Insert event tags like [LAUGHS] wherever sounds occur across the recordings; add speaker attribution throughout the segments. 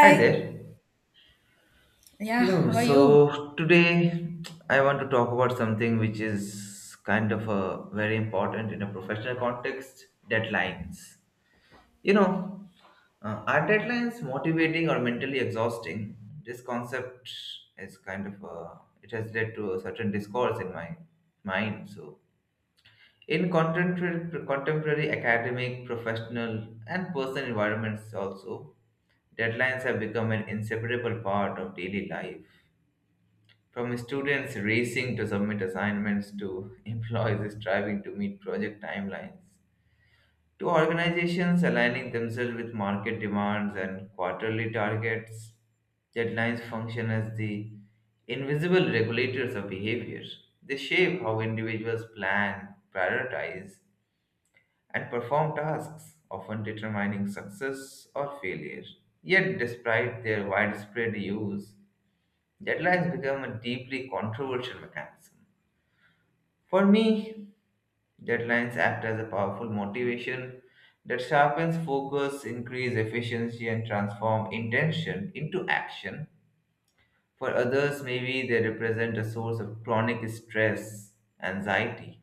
Speaker 1: Hi there.
Speaker 2: Yeah,
Speaker 1: Hello.
Speaker 2: how are you?
Speaker 1: So today I want to talk about something which is kind of a very important in a professional context, deadlines. You know, are deadlines motivating or mentally exhausting? This concept is kind of a, it has led to a certain discourse in my mind. So in contemporary academic, professional and personal environments also, deadlines have become an inseparable part of daily life. From students racing to submit assignments, to employees striving to meet project timelines, to organizations aligning themselves with market demands and quarterly targets, deadlines function as the invisible regulators of behavior. They shape how individuals plan, prioritize, and perform tasks, often determining success or failure. Yet, despite their widespread use, deadlines become a deeply controversial mechanism. For me, deadlines act as a powerful motivation that sharpens focus, increase efficiency, and transform intention into action. For others, maybe they represent a source of chronic stress, anxiety,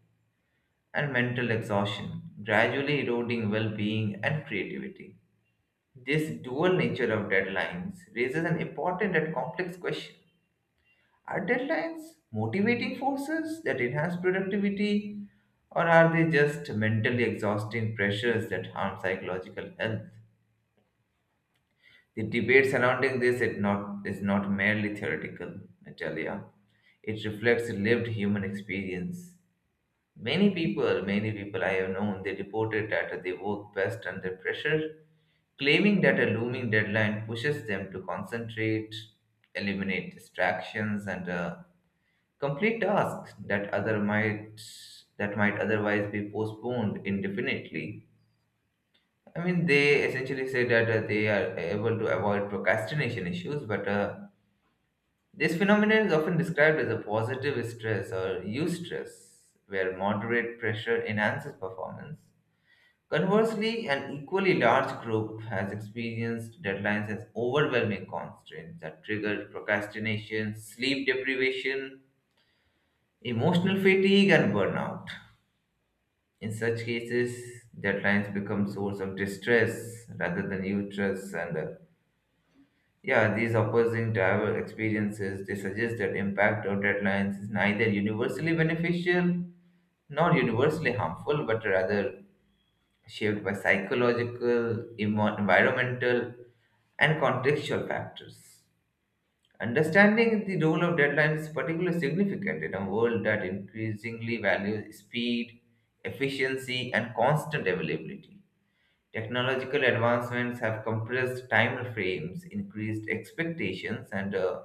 Speaker 1: and mental exhaustion, gradually eroding well being and creativity. This dual nature of deadlines raises an important and complex question. Are deadlines motivating forces that enhance productivity, or are they just mentally exhausting pressures that harm psychological health? The debate surrounding this is not merely theoretical, Natalia. It reflects lived human experience. Many people I have known, they reported that they work best under pressure, claiming that a looming deadline pushes them to concentrate, eliminate distractions, and complete tasks that other might that might otherwise be postponed indefinitely. I mean, they essentially say that they are able to avoid procrastination issues, but this phenomenon is often described as a positive stress or eustress, where moderate pressure enhances performance. Conversely, an equally large group has experienced deadlines as overwhelming constraints that trigger procrastination, sleep deprivation, emotional fatigue, and burnout. In such cases, deadlines become source of distress rather than interest. These opposing driver experiences, they suggest that impact of deadlines is neither universally beneficial nor universally harmful, but rather shaped by psychological, environmental, and contextual factors. Understanding the role of deadlines is particularly significant in a world that increasingly values speed, efficiency, and constant availability. Technological advancements have compressed time frames, increased expectations, and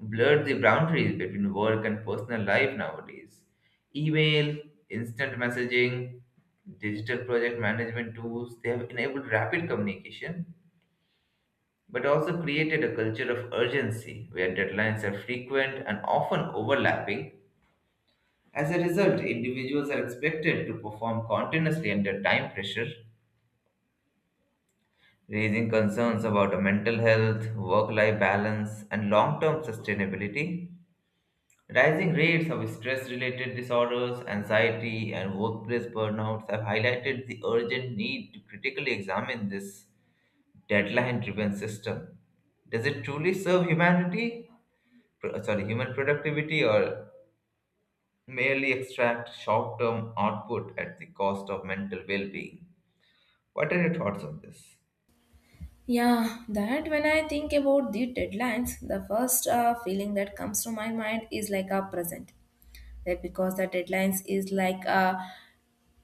Speaker 1: blurred the boundaries between work and personal life nowadays. Email, instant messaging, digital project management tools, they have enabled rapid communication, but also created a culture of urgency where deadlines are frequent and often overlapping. As a result, individuals are expected to perform continuously under time pressure, raising concerns about mental health, work life balance, and long term sustainability. Rising rates of stress related disorders, anxiety, and workplace burnouts have highlighted the urgent need to critically examine this deadline driven system. Does it truly serve humanity, sorry, human productivity, or merely extract short term output at the cost of mental well being? What are your thoughts on this?
Speaker 2: Yeah, that when I think about the deadlines, the first feeling that comes to my mind is like a present. That because the deadlines is like a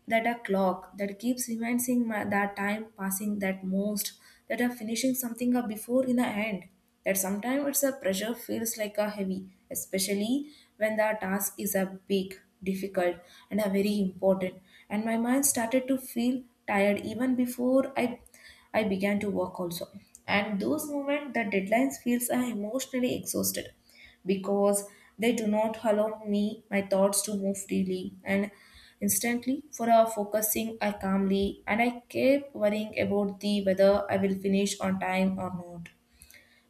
Speaker 2: that a clock that keeps reminding my, that time passing that most that are finishing something up before in the end, that sometimes it's a pressure feels like a heavy, especially when the task is a big difficult and a very important, and my mind started to feel tired even before I began to work also. And those moments, the deadlines feels I emotionally exhausted because they do not allow me my thoughts to move freely and instantly for a focusing I calmly, and I kept worrying about the whether I will finish on time or not.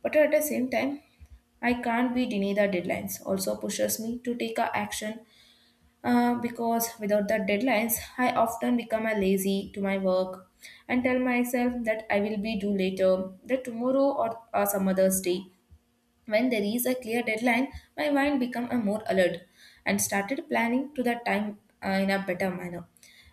Speaker 2: But at the same time, I can't be denied the deadlines also pushes me to take a action, because without the deadlines, I often become a lazy to my work and tell myself that I will be due later, that tomorrow or some other day. When there is a clear deadline, my mind become a more alert and started planning to that time in a better manner,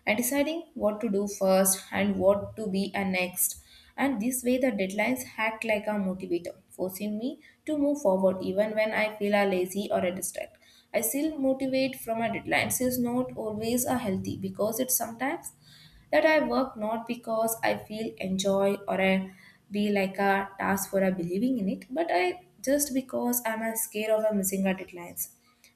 Speaker 2: and deciding what to do first and what to be a next. And this way the deadlines act like a motivator, forcing me to move forward even when I feel a lazy or a distract. I still motivate from a deadline. This is not always a healthy because it sometimes that I work not because I feel enjoy or I be like a task for a believing in it, but I just because I'm a scared of a missing a deadlines.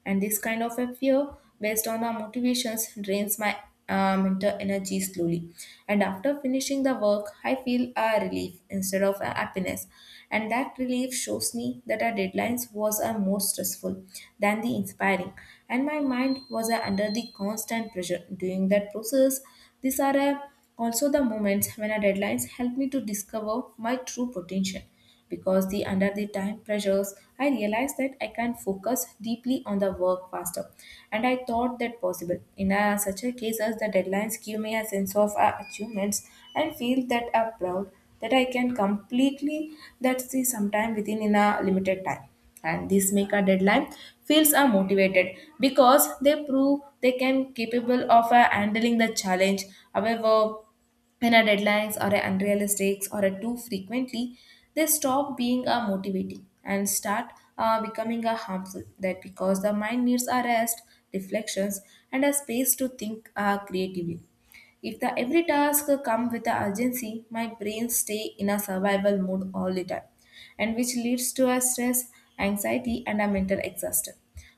Speaker 2: And this kind of a fear based on our motivations drains my mental energy slowly. And after finishing the work, I feel a relief instead of a happiness. And that relief shows me that our deadlines was a more stressful than the inspiring. And my mind was under the constant pressure during that process. These are also the moments when our deadlines help me to discover my true potential, because the under the time pressures I realized that I can focus deeply on the work faster, and I thought that possible in a, such a case, as the deadlines give me a sense of achievements and feel that I'm proud that I can completely, that see sometime within in a limited time, and this make a deadline feels are motivated because they prove they can capable of handling the challenge. However, when our deadlines are unrealistic or are too frequently, they stop being motivating and start becoming harmful. That because the mind needs a rest, reflections, and a space to think creatively. If the every task come with the urgency, my brain stay in a survival mode all the time, and which leads to a stress, anxiety, and a mental exhaustion.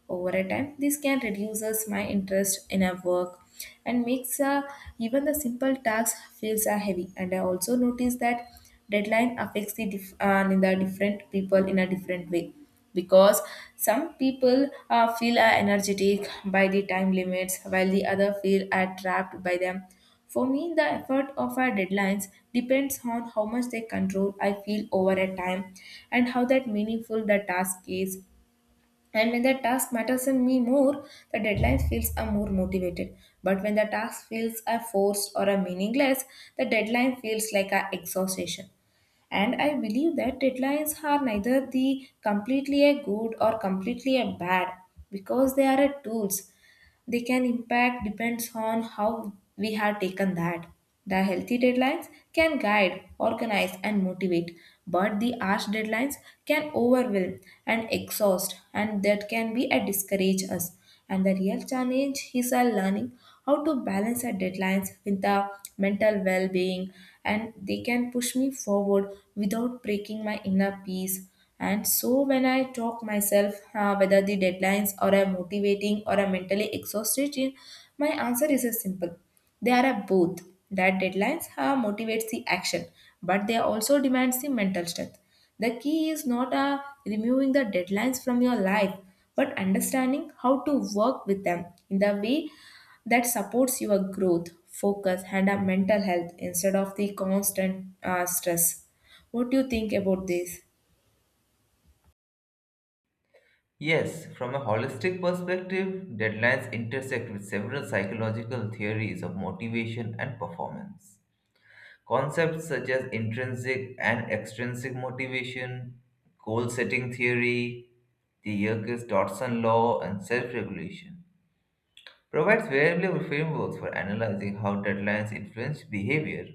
Speaker 2: Over a time, this can reduces my interest in a work, and makes even the simple tasks feels heavy. And I also notice that deadline affects the in the different people in a different way, because some people feel are energetic by the time limits, while the other feel are trapped by them. For me, the effort of our deadlines depends on how much they control I feel over a time, and how that meaningful the task is. And when the task matters in me more, the deadline feels a more motivated. But when the task feels a forced or a meaningless, the deadline feels like a exhaustion. And I believe that deadlines are neither the completely a good or completely a bad, because they are a tools. They can impact depends on how we have taken that. The healthy deadlines can guide, organize, and motivate, but the harsh deadlines can overwhelm and exhaust, and that can be a discourage us. And the real challenge is our learning how to balance our deadlines with the mental well-being, and they can push me forward without breaking my inner peace. And so when I talk myself, whether the deadlines or I'm motivating or I'm mentally exhausted, my answer is a simple. They are a both. That deadlines motivates the action, but they also demands the mental strength. The key is not removing the deadlines from your life, but understanding how to work with them in the way that supports your growth, focus, and a mental health instead of the constant stress. What do you think about this?
Speaker 1: Yes, from a holistic perspective, deadlines intersect with several psychological theories of motivation and performance. Concepts such as intrinsic and extrinsic motivation, goal setting theory, the Yerkes Dodson law, and self regulation provides valuable frameworks for analyzing how deadlines influence behavior.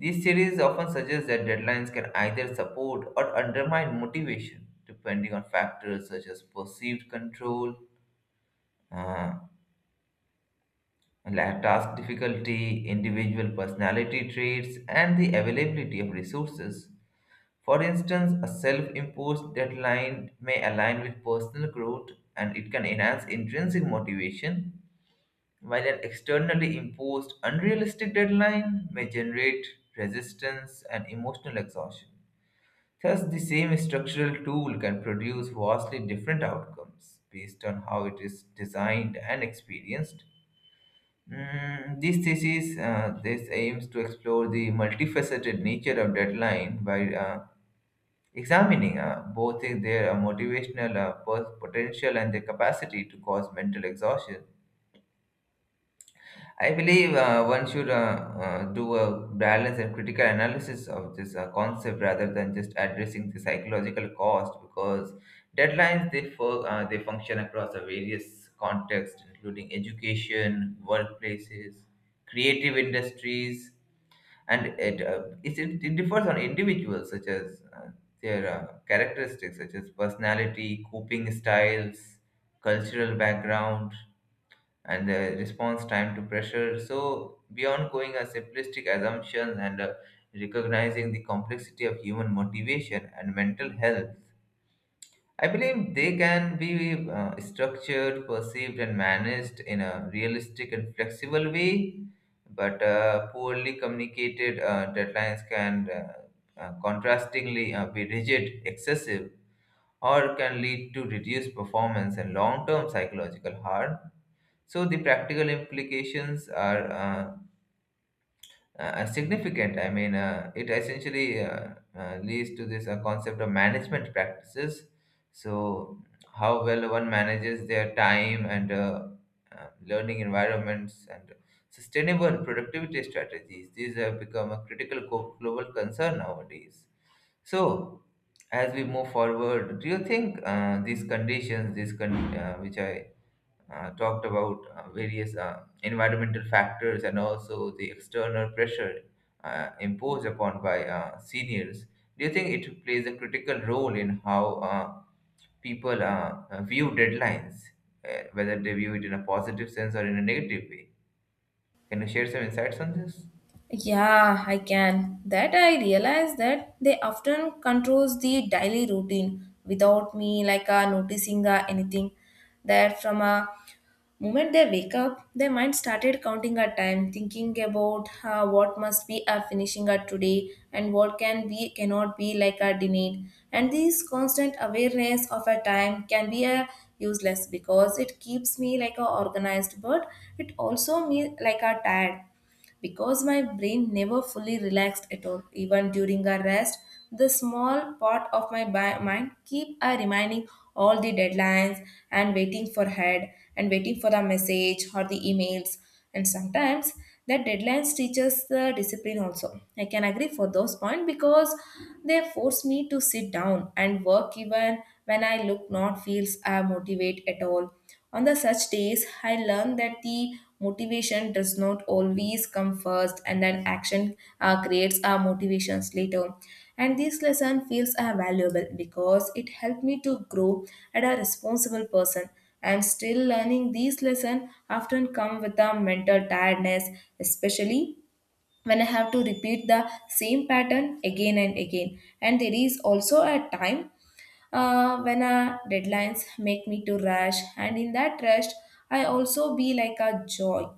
Speaker 1: These theories often suggest that deadlines can either support or undermine motivation, depending on factors such as perceived control, uh, like task difficulty, individual personality traits, and the availability of resources. For instance, a self imposed deadline may align with personal growth and it can enhance intrinsic motivation, while an externally imposed unrealistic deadline may generate resistance and emotional exhaustion. Thus, the same structural tool can produce vastly different outcomes based on how it is designed and experienced. This thesis, this aims to explore the multifaceted nature of deadline by examining both their motivational potential and their capacity to cause mental exhaustion. I believe one should do a balanced and critical analysis of this concept rather than just addressing the psychological cost, because deadlines, they function across a various contexts including education, workplaces, creative industries, and it differs on individuals such as their characteristics such as personality, coping styles, cultural background, and response time to pressure. So, beyond going a simplistic assumptions and recognizing the complexity of human motivation and mental health, I believe they can be structured, perceived, and managed in a realistic and flexible way. But poorly communicated deadlines can contrastingly be rigid, excessive, or can lead to reduced performance and long term psychological harm. So the practical implications are significant. I mean, it essentially leads to this concept of management practices. So how well one manages their time and learning environments and sustainable productivity strategies. These have become a critical global concern nowadays. So as we move forward, do you think these conditions, which I talked about, various environmental factors and also the external pressure imposed upon by seniors. Do you think it plays a critical role in how people view deadlines, whether they view it in a positive sense or in a negative way? Can you share some insights on this?
Speaker 2: Yeah, I can. That I realize that they often controls the daily routine without me like noticing anything. That from a moment they wake up, their mind started counting a time, thinking about what must be a finishing a today, and what can be cannot be like a denied. And this constant awareness of a time can be a useless because it keeps me like a organized, but it also me like a tired, because my brain never fully relaxed at all. Even during a rest, the small part of my mind keep a reminding all the deadlines, and waiting for head, and waiting for the message or the emails. And sometimes that deadlines teaches the discipline also. I can agree for those points because they force me to sit down and work even when I look not feels motivate at all. On the such days, I learned that the motivation does not always come first, and that action creates our motivations later. And this lesson feels valuable because it helped me to grow as a responsible person. And still learning these lessons often come with a mental tiredness, especially when I have to repeat the same pattern again and again. And there is also a time when deadlines make me to rush, and in that rush, I also be like a joy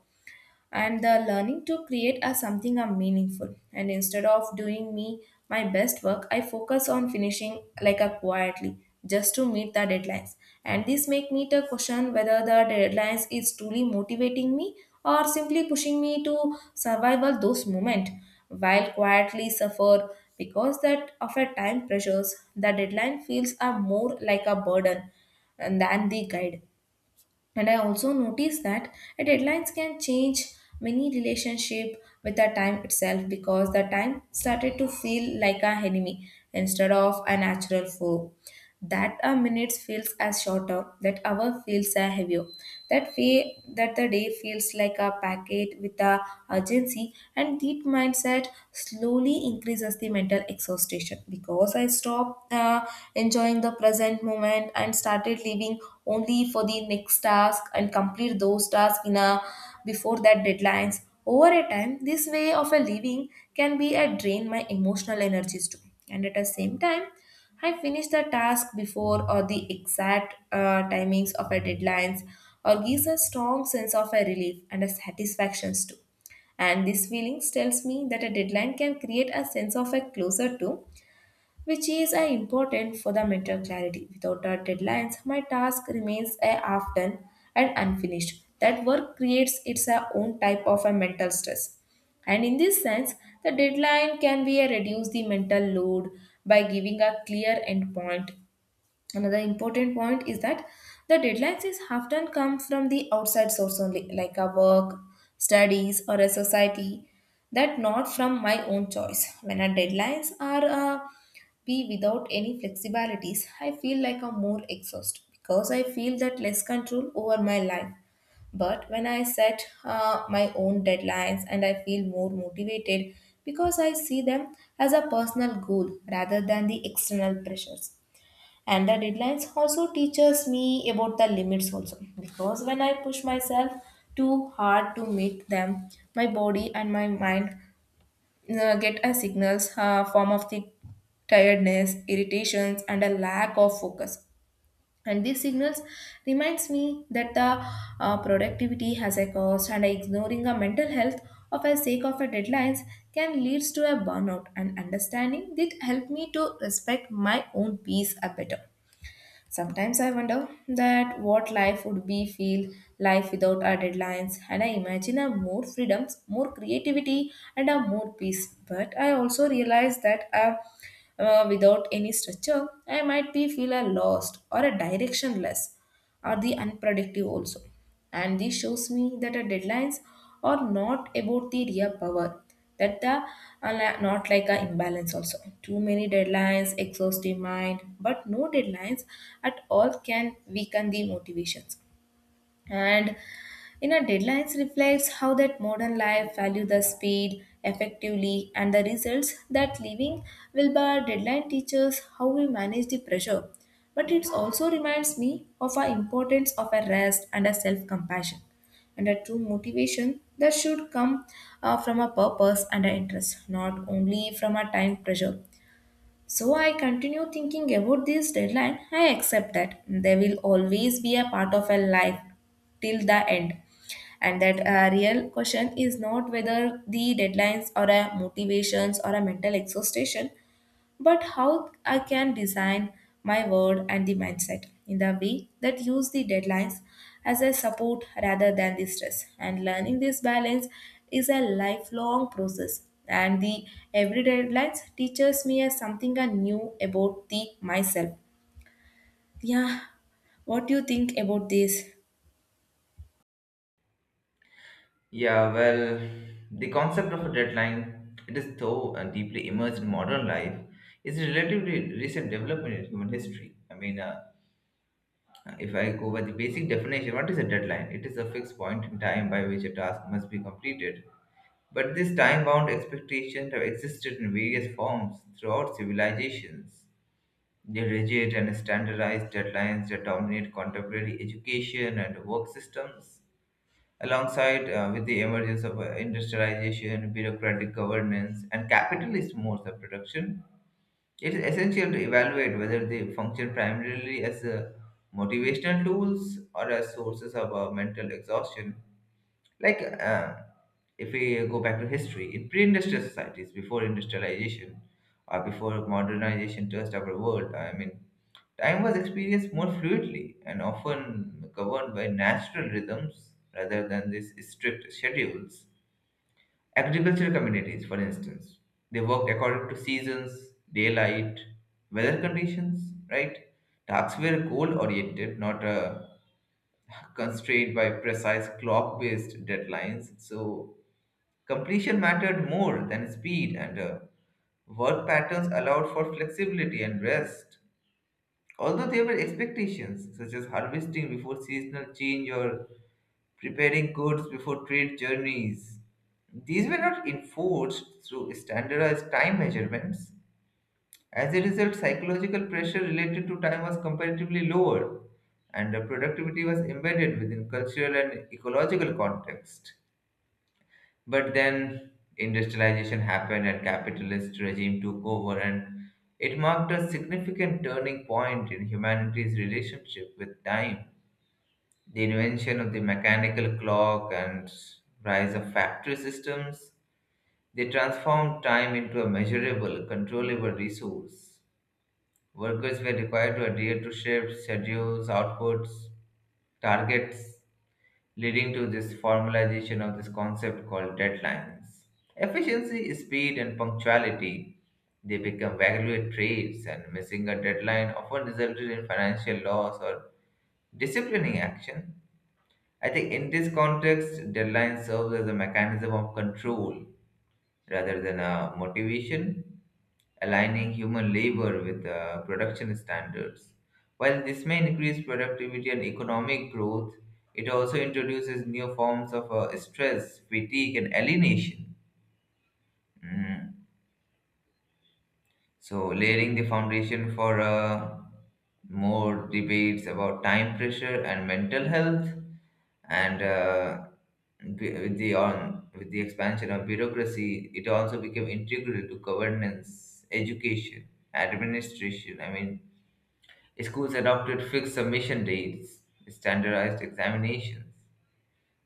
Speaker 2: and the learning to create as something are meaningful, and instead of doing me my best work I focus on finishing like a quietly, just to meet the deadlines. And this make me to question whether the deadlines is truly motivating me or simply pushing me to survival those moment while quietly suffer, because that of a time pressures the deadline feels are more like a burden and than the guide. And I also noticed that deadlines can change many relationship with the time itself, because the time started to feel like a enemy instead of a natural foe. That a minutes feels as shorter, that hour feels a heavier, that way that the day feels like a packet with a urgency, and that mindset slowly increases the mental exhaustion, because I stopped enjoying the present moment and started living only for the next task, and complete those tasks in a before that deadlines. Over a time, this way of a living can be a drain my emotional energies too. And at the same time I finish the task before or the exact timings of our deadlines, or gives a strong sense of a relief and a satisfactions too. And this feelings tells me that a deadline can create a sense of a closer to, which is important for the mental clarity. Without our deadlines, my task remains a half done and unfinished. That work creates its own type of a mental stress. And in this sense, the deadline can be a reduce the mental load by giving a clear endpoint. Another important point is that the deadlines is often come from the outside source only, like a work, studies, or a society, that not from my own choice. When our deadlines are be without any flexibilities, I feel like I'm more exhausted, because I feel that less control over my life. But when I set my own deadlines, and I feel more motivated because I see them as a personal goal rather than the external pressures. And the deadlines also teaches me about the limits also, because when I push myself too hard to meet them, my body and my mind get a signals form of the tiredness, irritations, and a lack of focus. And these signals reminds me that the productivity has a cost, and ignoring a mental health of a sake of a deadlines can leads to a burnout, and understanding did help me to respect my own peace a better. Sometimes I wonder that what life would be feel, life without our deadlines, and I imagine a more freedoms, more creativity, and a more peace. But I also realize that without any structure, I might be feel a lost or a directionless, are the unproductive also. And this shows me that our deadlines are not about the real power, that the are not like a imbalance also. Too many deadlines exhaust the mind, but no deadlines at all can weaken the motivations and in know deadlines reflects how that modern life value the speed effectively and the results that living will by deadline teaches how we manage the pressure, but it also reminds me of our importance of a rest and a self-compassion and a true motivation that should come from a purpose and an interest not only from a time pressure. So I continue thinking about this deadline. I accept that they will always be a part of a life till the end. And that a real question is not whether the deadlines are a motivations or a mental exhaustion, but how I can design my word and the mindset in the way that use the deadlines as a support rather than the stress. And learning this balance is a lifelong process. And the every deadlines teaches me as something I new about the myself. Yeah, what do you think about this?
Speaker 1: Yeah, well, the concept of a deadline, it is so deeply immersed in modern life, is a relatively recent development in human history. I mean, if I go by the basic definition, what is a deadline? It is a fixed point in time by which a task must be completed. But this time bound expectations have existed in various forms throughout civilizations. The rigid and standardized deadlines that dominate contemporary education and work systems, alongside with the emergence of industrialization, bureaucratic governance, and capitalist modes of production, it is essential to evaluate whether they function primarily as motivational tools or as sources of mental exhaustion. Like, if we go back to history, in pre industrial societies, before industrialization or before modernization touched our world, I mean, time was experienced more fluidly and often governed by natural rhythms rather than these strict schedules. Agricultural communities, for instance, they work according to seasons, daylight, weather conditions, right? Tasks were goal oriented, not [LAUGHS] constrained by precise clock based deadlines. So, completion mattered more than speed, and work patterns allowed for flexibility and rest. Although there were expectations, such as harvesting before seasonal change or preparing goods before trade journeys. These were not enforced through standardized time measurements. As a result, psychological pressure related to time was comparatively lower, and the productivity was embedded within cultural and ecological context. But then industrialization happened and capitalist regime took over, and it marked a significant turning point in humanity's relationship with time. The invention of the mechanical clock and rise of factory systems, they transformed time into a measurable, controllable resource. Workers were required to adhere to shifts, schedules, outputs, targets, leading to this formalization of this concept called deadlines. Efficiency, speed, and punctuality, they become valuable traits, and missing a deadline often resulted in financial loss or disciplining action. I think in this context, deadline serves as a mechanism of control rather than a motivation, aligning human labor with production standards. While this may increase productivity and economic growth, it also introduces new forms of stress, fatigue, and alienation. Mhm. So, laying the foundation for more debates about time pressure and mental health, and with the on with the expansion of bureaucracy, it also became integral to governance, education, administration. I mean, schools adopted fixed submission dates, standardized examinations,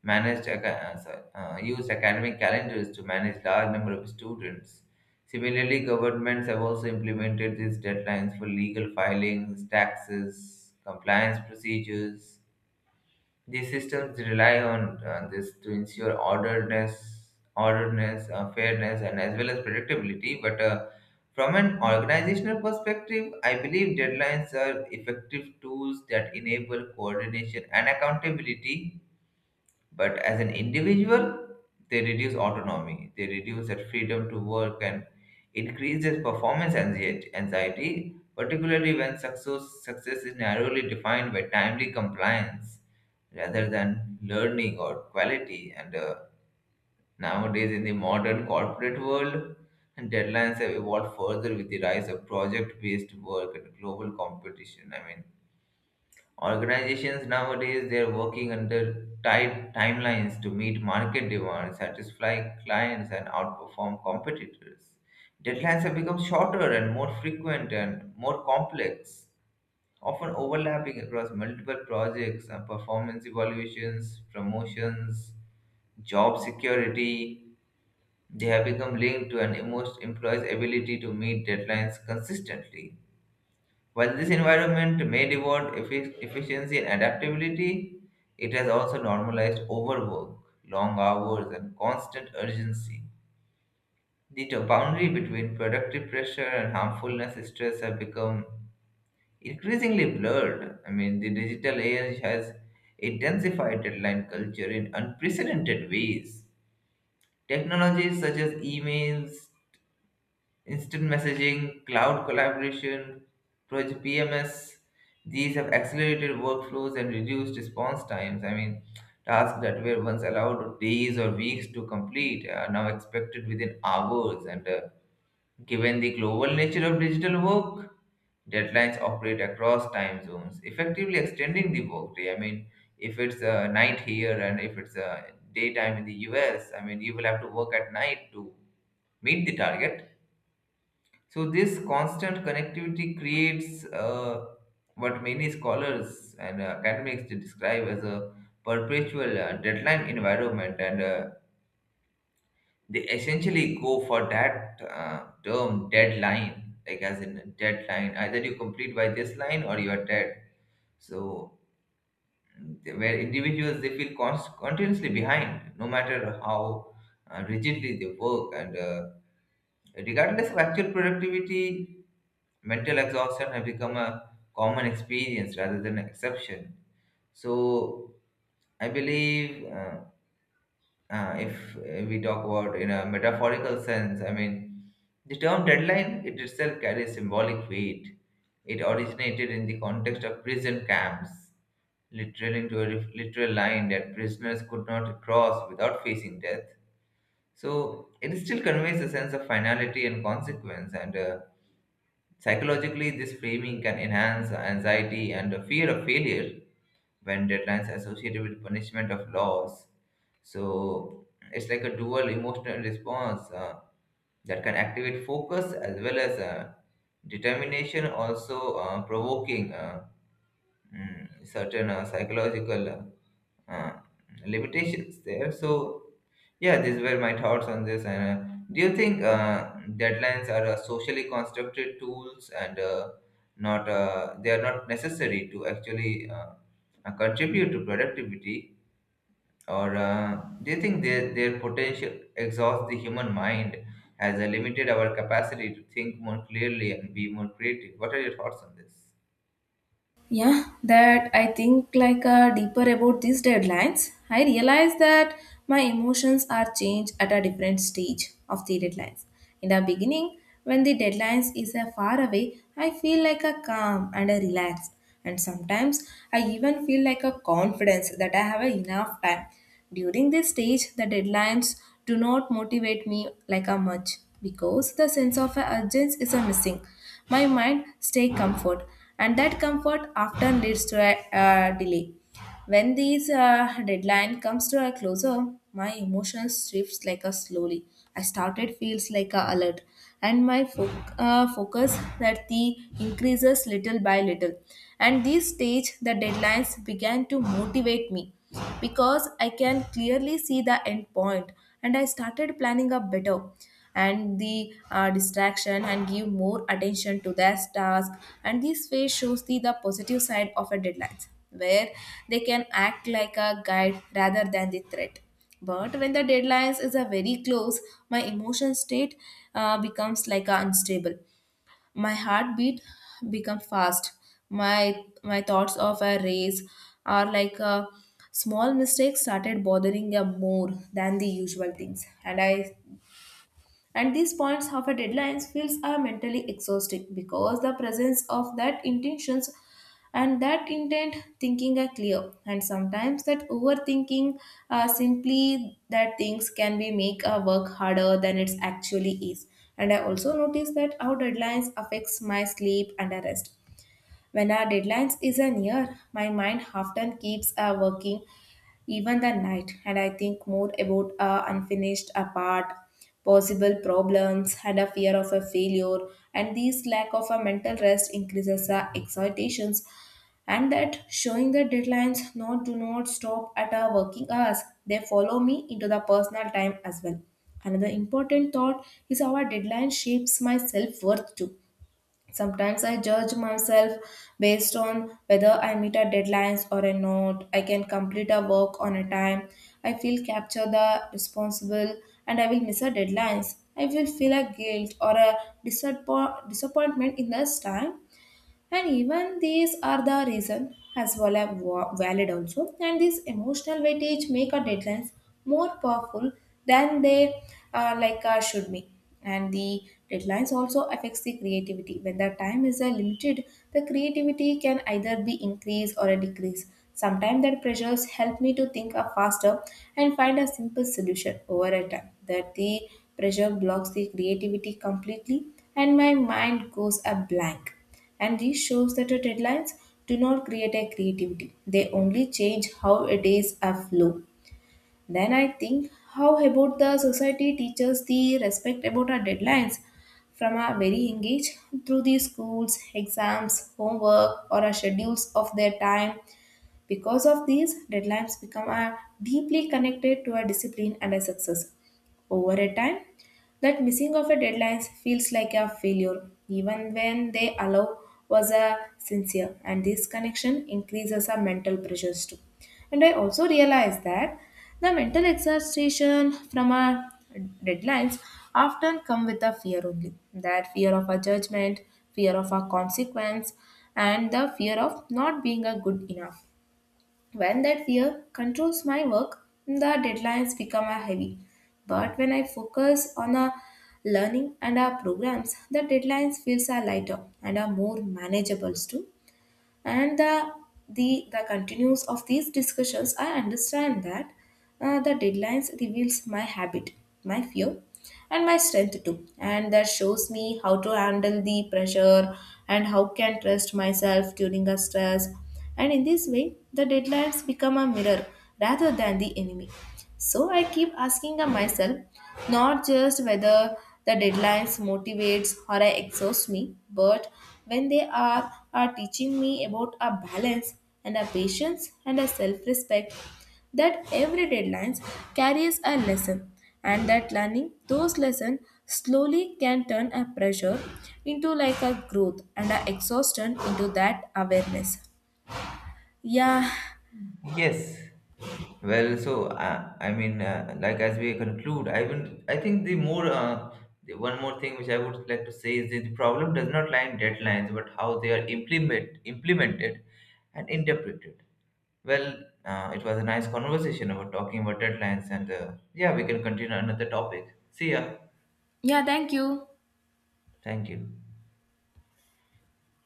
Speaker 1: sorry, used academic calendars to manage large number of students. Similarly, governments have also implemented these deadlines for legal filings, taxes, compliance procedures. These systems rely on this to ensure orderedness, fairness, and as well as predictability. But from an organizational perspective, I believe deadlines are effective tools that enable coordination and accountability, but as an individual, they reduce autonomy, they reduce that freedom to work and increase their performance anxiety, particularly when success is narrowly defined by timely compliance rather than learning or quality. And nowadays, in the modern corporate world, deadlines have evolved further with the rise of project based work and global competition. I mean, organizations nowadays they're working under tight timelines to meet market demand, satisfy clients, and outperform competitors. Deadlines have become shorter and more frequent and more complex, often overlapping across multiple projects and performance evaluations, promotions, job security. They have become linked to an most employee's ability to meet deadlines consistently. While this environment may reward efficiency and adaptability, it has also normalized overwork, long hours, and constant urgency. The boundary between productive pressure and harmfulness stress have become increasingly blurred. I mean, the digital age has intensified deadline culture in unprecedented ways. Technologies such as emails, instant messaging, cloud collaboration, Project PMS. These have accelerated workflows and reduced response times. I mean, tasks that were once allowed days or weeks to complete are now expected within hours. And given the global nature of digital work, deadlines operate across time zones, effectively extending the workday. I mean, if it's night here and if it's daytime in the US, I mean, you will have to work at night to meet the target. So this constant connectivity creates what many scholars and academics describe as a perpetual deadline environment, and they essentially go for that term deadline, like as in deadline. Either you complete by this line or you are dead. So, where individuals they feel continuously behind, no matter how rigidly they work, and regardless of actual productivity, mental exhaustion has become a common experience rather than an exception. So I believe if we talk about in a metaphorical sense, I mean, the term deadline it itself carries symbolic weight. It originated in the context of prison camps, literally into a ref- literal line that prisoners could not cross without facing death. So it still conveys a sense of finality and consequence, and psychologically, this framing can enhance anxiety and the fear of failure when deadlines are associated with punishment of loss. So it's like a dual emotional response, that can activate focus as well as determination, also provoking certain psychological uh, uh, limitations there. So yeah, these were my thoughts on this. And do you think deadlines are socially constructed tools and not they are not necessary to actually contribute to productivity? Or do you think their potential exhausts the human mind, has limited our capacity to think more clearly and be more creative? What are your thoughts on this?
Speaker 2: Yeah, that I think like deeper about these deadlines, I realize that my emotions are changed at a different stage of the deadlines. In the beginning, when the deadlines is far away, I feel like a calm and a relaxed, and sometimes I even feel like a confidence that I have a enough time. During this stage, the deadlines do not motivate me like a much because the sense of urgency is a missing. My mind stay comfort, and that comfort often leads to a delay. When these deadline comes to a closer, my emotions shifts like a slowly. I started feels like a alert, and my focus that the increases little by little. And this stage, the deadlines began to motivate me because I can clearly see the end point, and I started planning up better and the distraction and give more attention to their task. And this way shows the positive side of a deadline where they can act like a guide rather than the threat. But when the deadlines is a very close, my emotion state becomes like a unstable. My heartbeat become fast. My thoughts of a race are like a small mistakes started bothering them more than the usual things, and I, and these points of a deadlines feels are mentally exhausting because the presence of that intentions and that intent thinking are clear, and sometimes that overthinking simply that things can be make a work harder than it actually is. And I also notice that how deadlines affects my sleep and a rest. When our deadlines is a near, my mind often keeps working even the night. And I think more about a unfinished a part, possible problems, and a fear of a failure. And this lack of a mental rest increases our excitations, and that showing the deadlines not do not stop at our working hours. They follow me into the personal time as well. Another important thought is how our deadline shapes my self-worth too. Sometimes I judge myself based on whether I meet a deadlines or a not. I can complete a work on a time. I feel capture the responsible and I will miss a deadlines. I will feel a guilt or a disappointment in this time. And even these are the reason as well as valid also. And this emotional weightage make our deadlines more powerful than they like should be. And the deadlines also affects the creativity. When the time is limited, the creativity can either be increased or a decrease. Sometimes that pressures help me to think of faster and find a simple solution over a time. That the pressure blocks the creativity completely and my mind goes a blank. And this shows that the deadlines do not create a creativity. They only change how a days are flow. Then I think how about the society teaches the respect about our deadlines from our very engaged through the schools, exams, homework, or our schedules of their time. Because of these, deadlines become a deeply connected to a discipline and a success. Over a time, that missing of a deadline feels like a failure, even when they allow was a sincere, and this connection increases our mental pressures too. And I also realized that the mental exhaustion from our deadlines often come with a fear only. That fear of a judgment, fear of a consequence, and the fear of not being a good enough. When that fear controls my work, the deadlines become a heavy. But when I focus on our learning and our programs, the deadlines feels are lighter and are more manageable too. And the continues of these discussions I understand that the deadlines reveals my habit, my fear, and my strength too, and that shows me how to handle the pressure and how can trust myself during a stress. And in this way the deadlines become a mirror rather than the enemy. So I keep asking myself not just whether the deadlines motivates or I exhaust me, but when they are teaching me about a balance and a patience and a self-respect. That every deadline carries a lesson, and that learning those lessons slowly can turn a pressure into like a growth and a exhaustion into that awareness. Yeah.
Speaker 1: Yes, well, so I mean, like as we conclude, I will. I think the more the one more thing which I would like to say is that the problem does not lie in deadlines, but how they are implemented and interpreted. Well, it was a nice conversation about talking about deadlines, and yeah, we can continue another topic. See ya.
Speaker 2: Yeah, thank you.
Speaker 1: Thank you.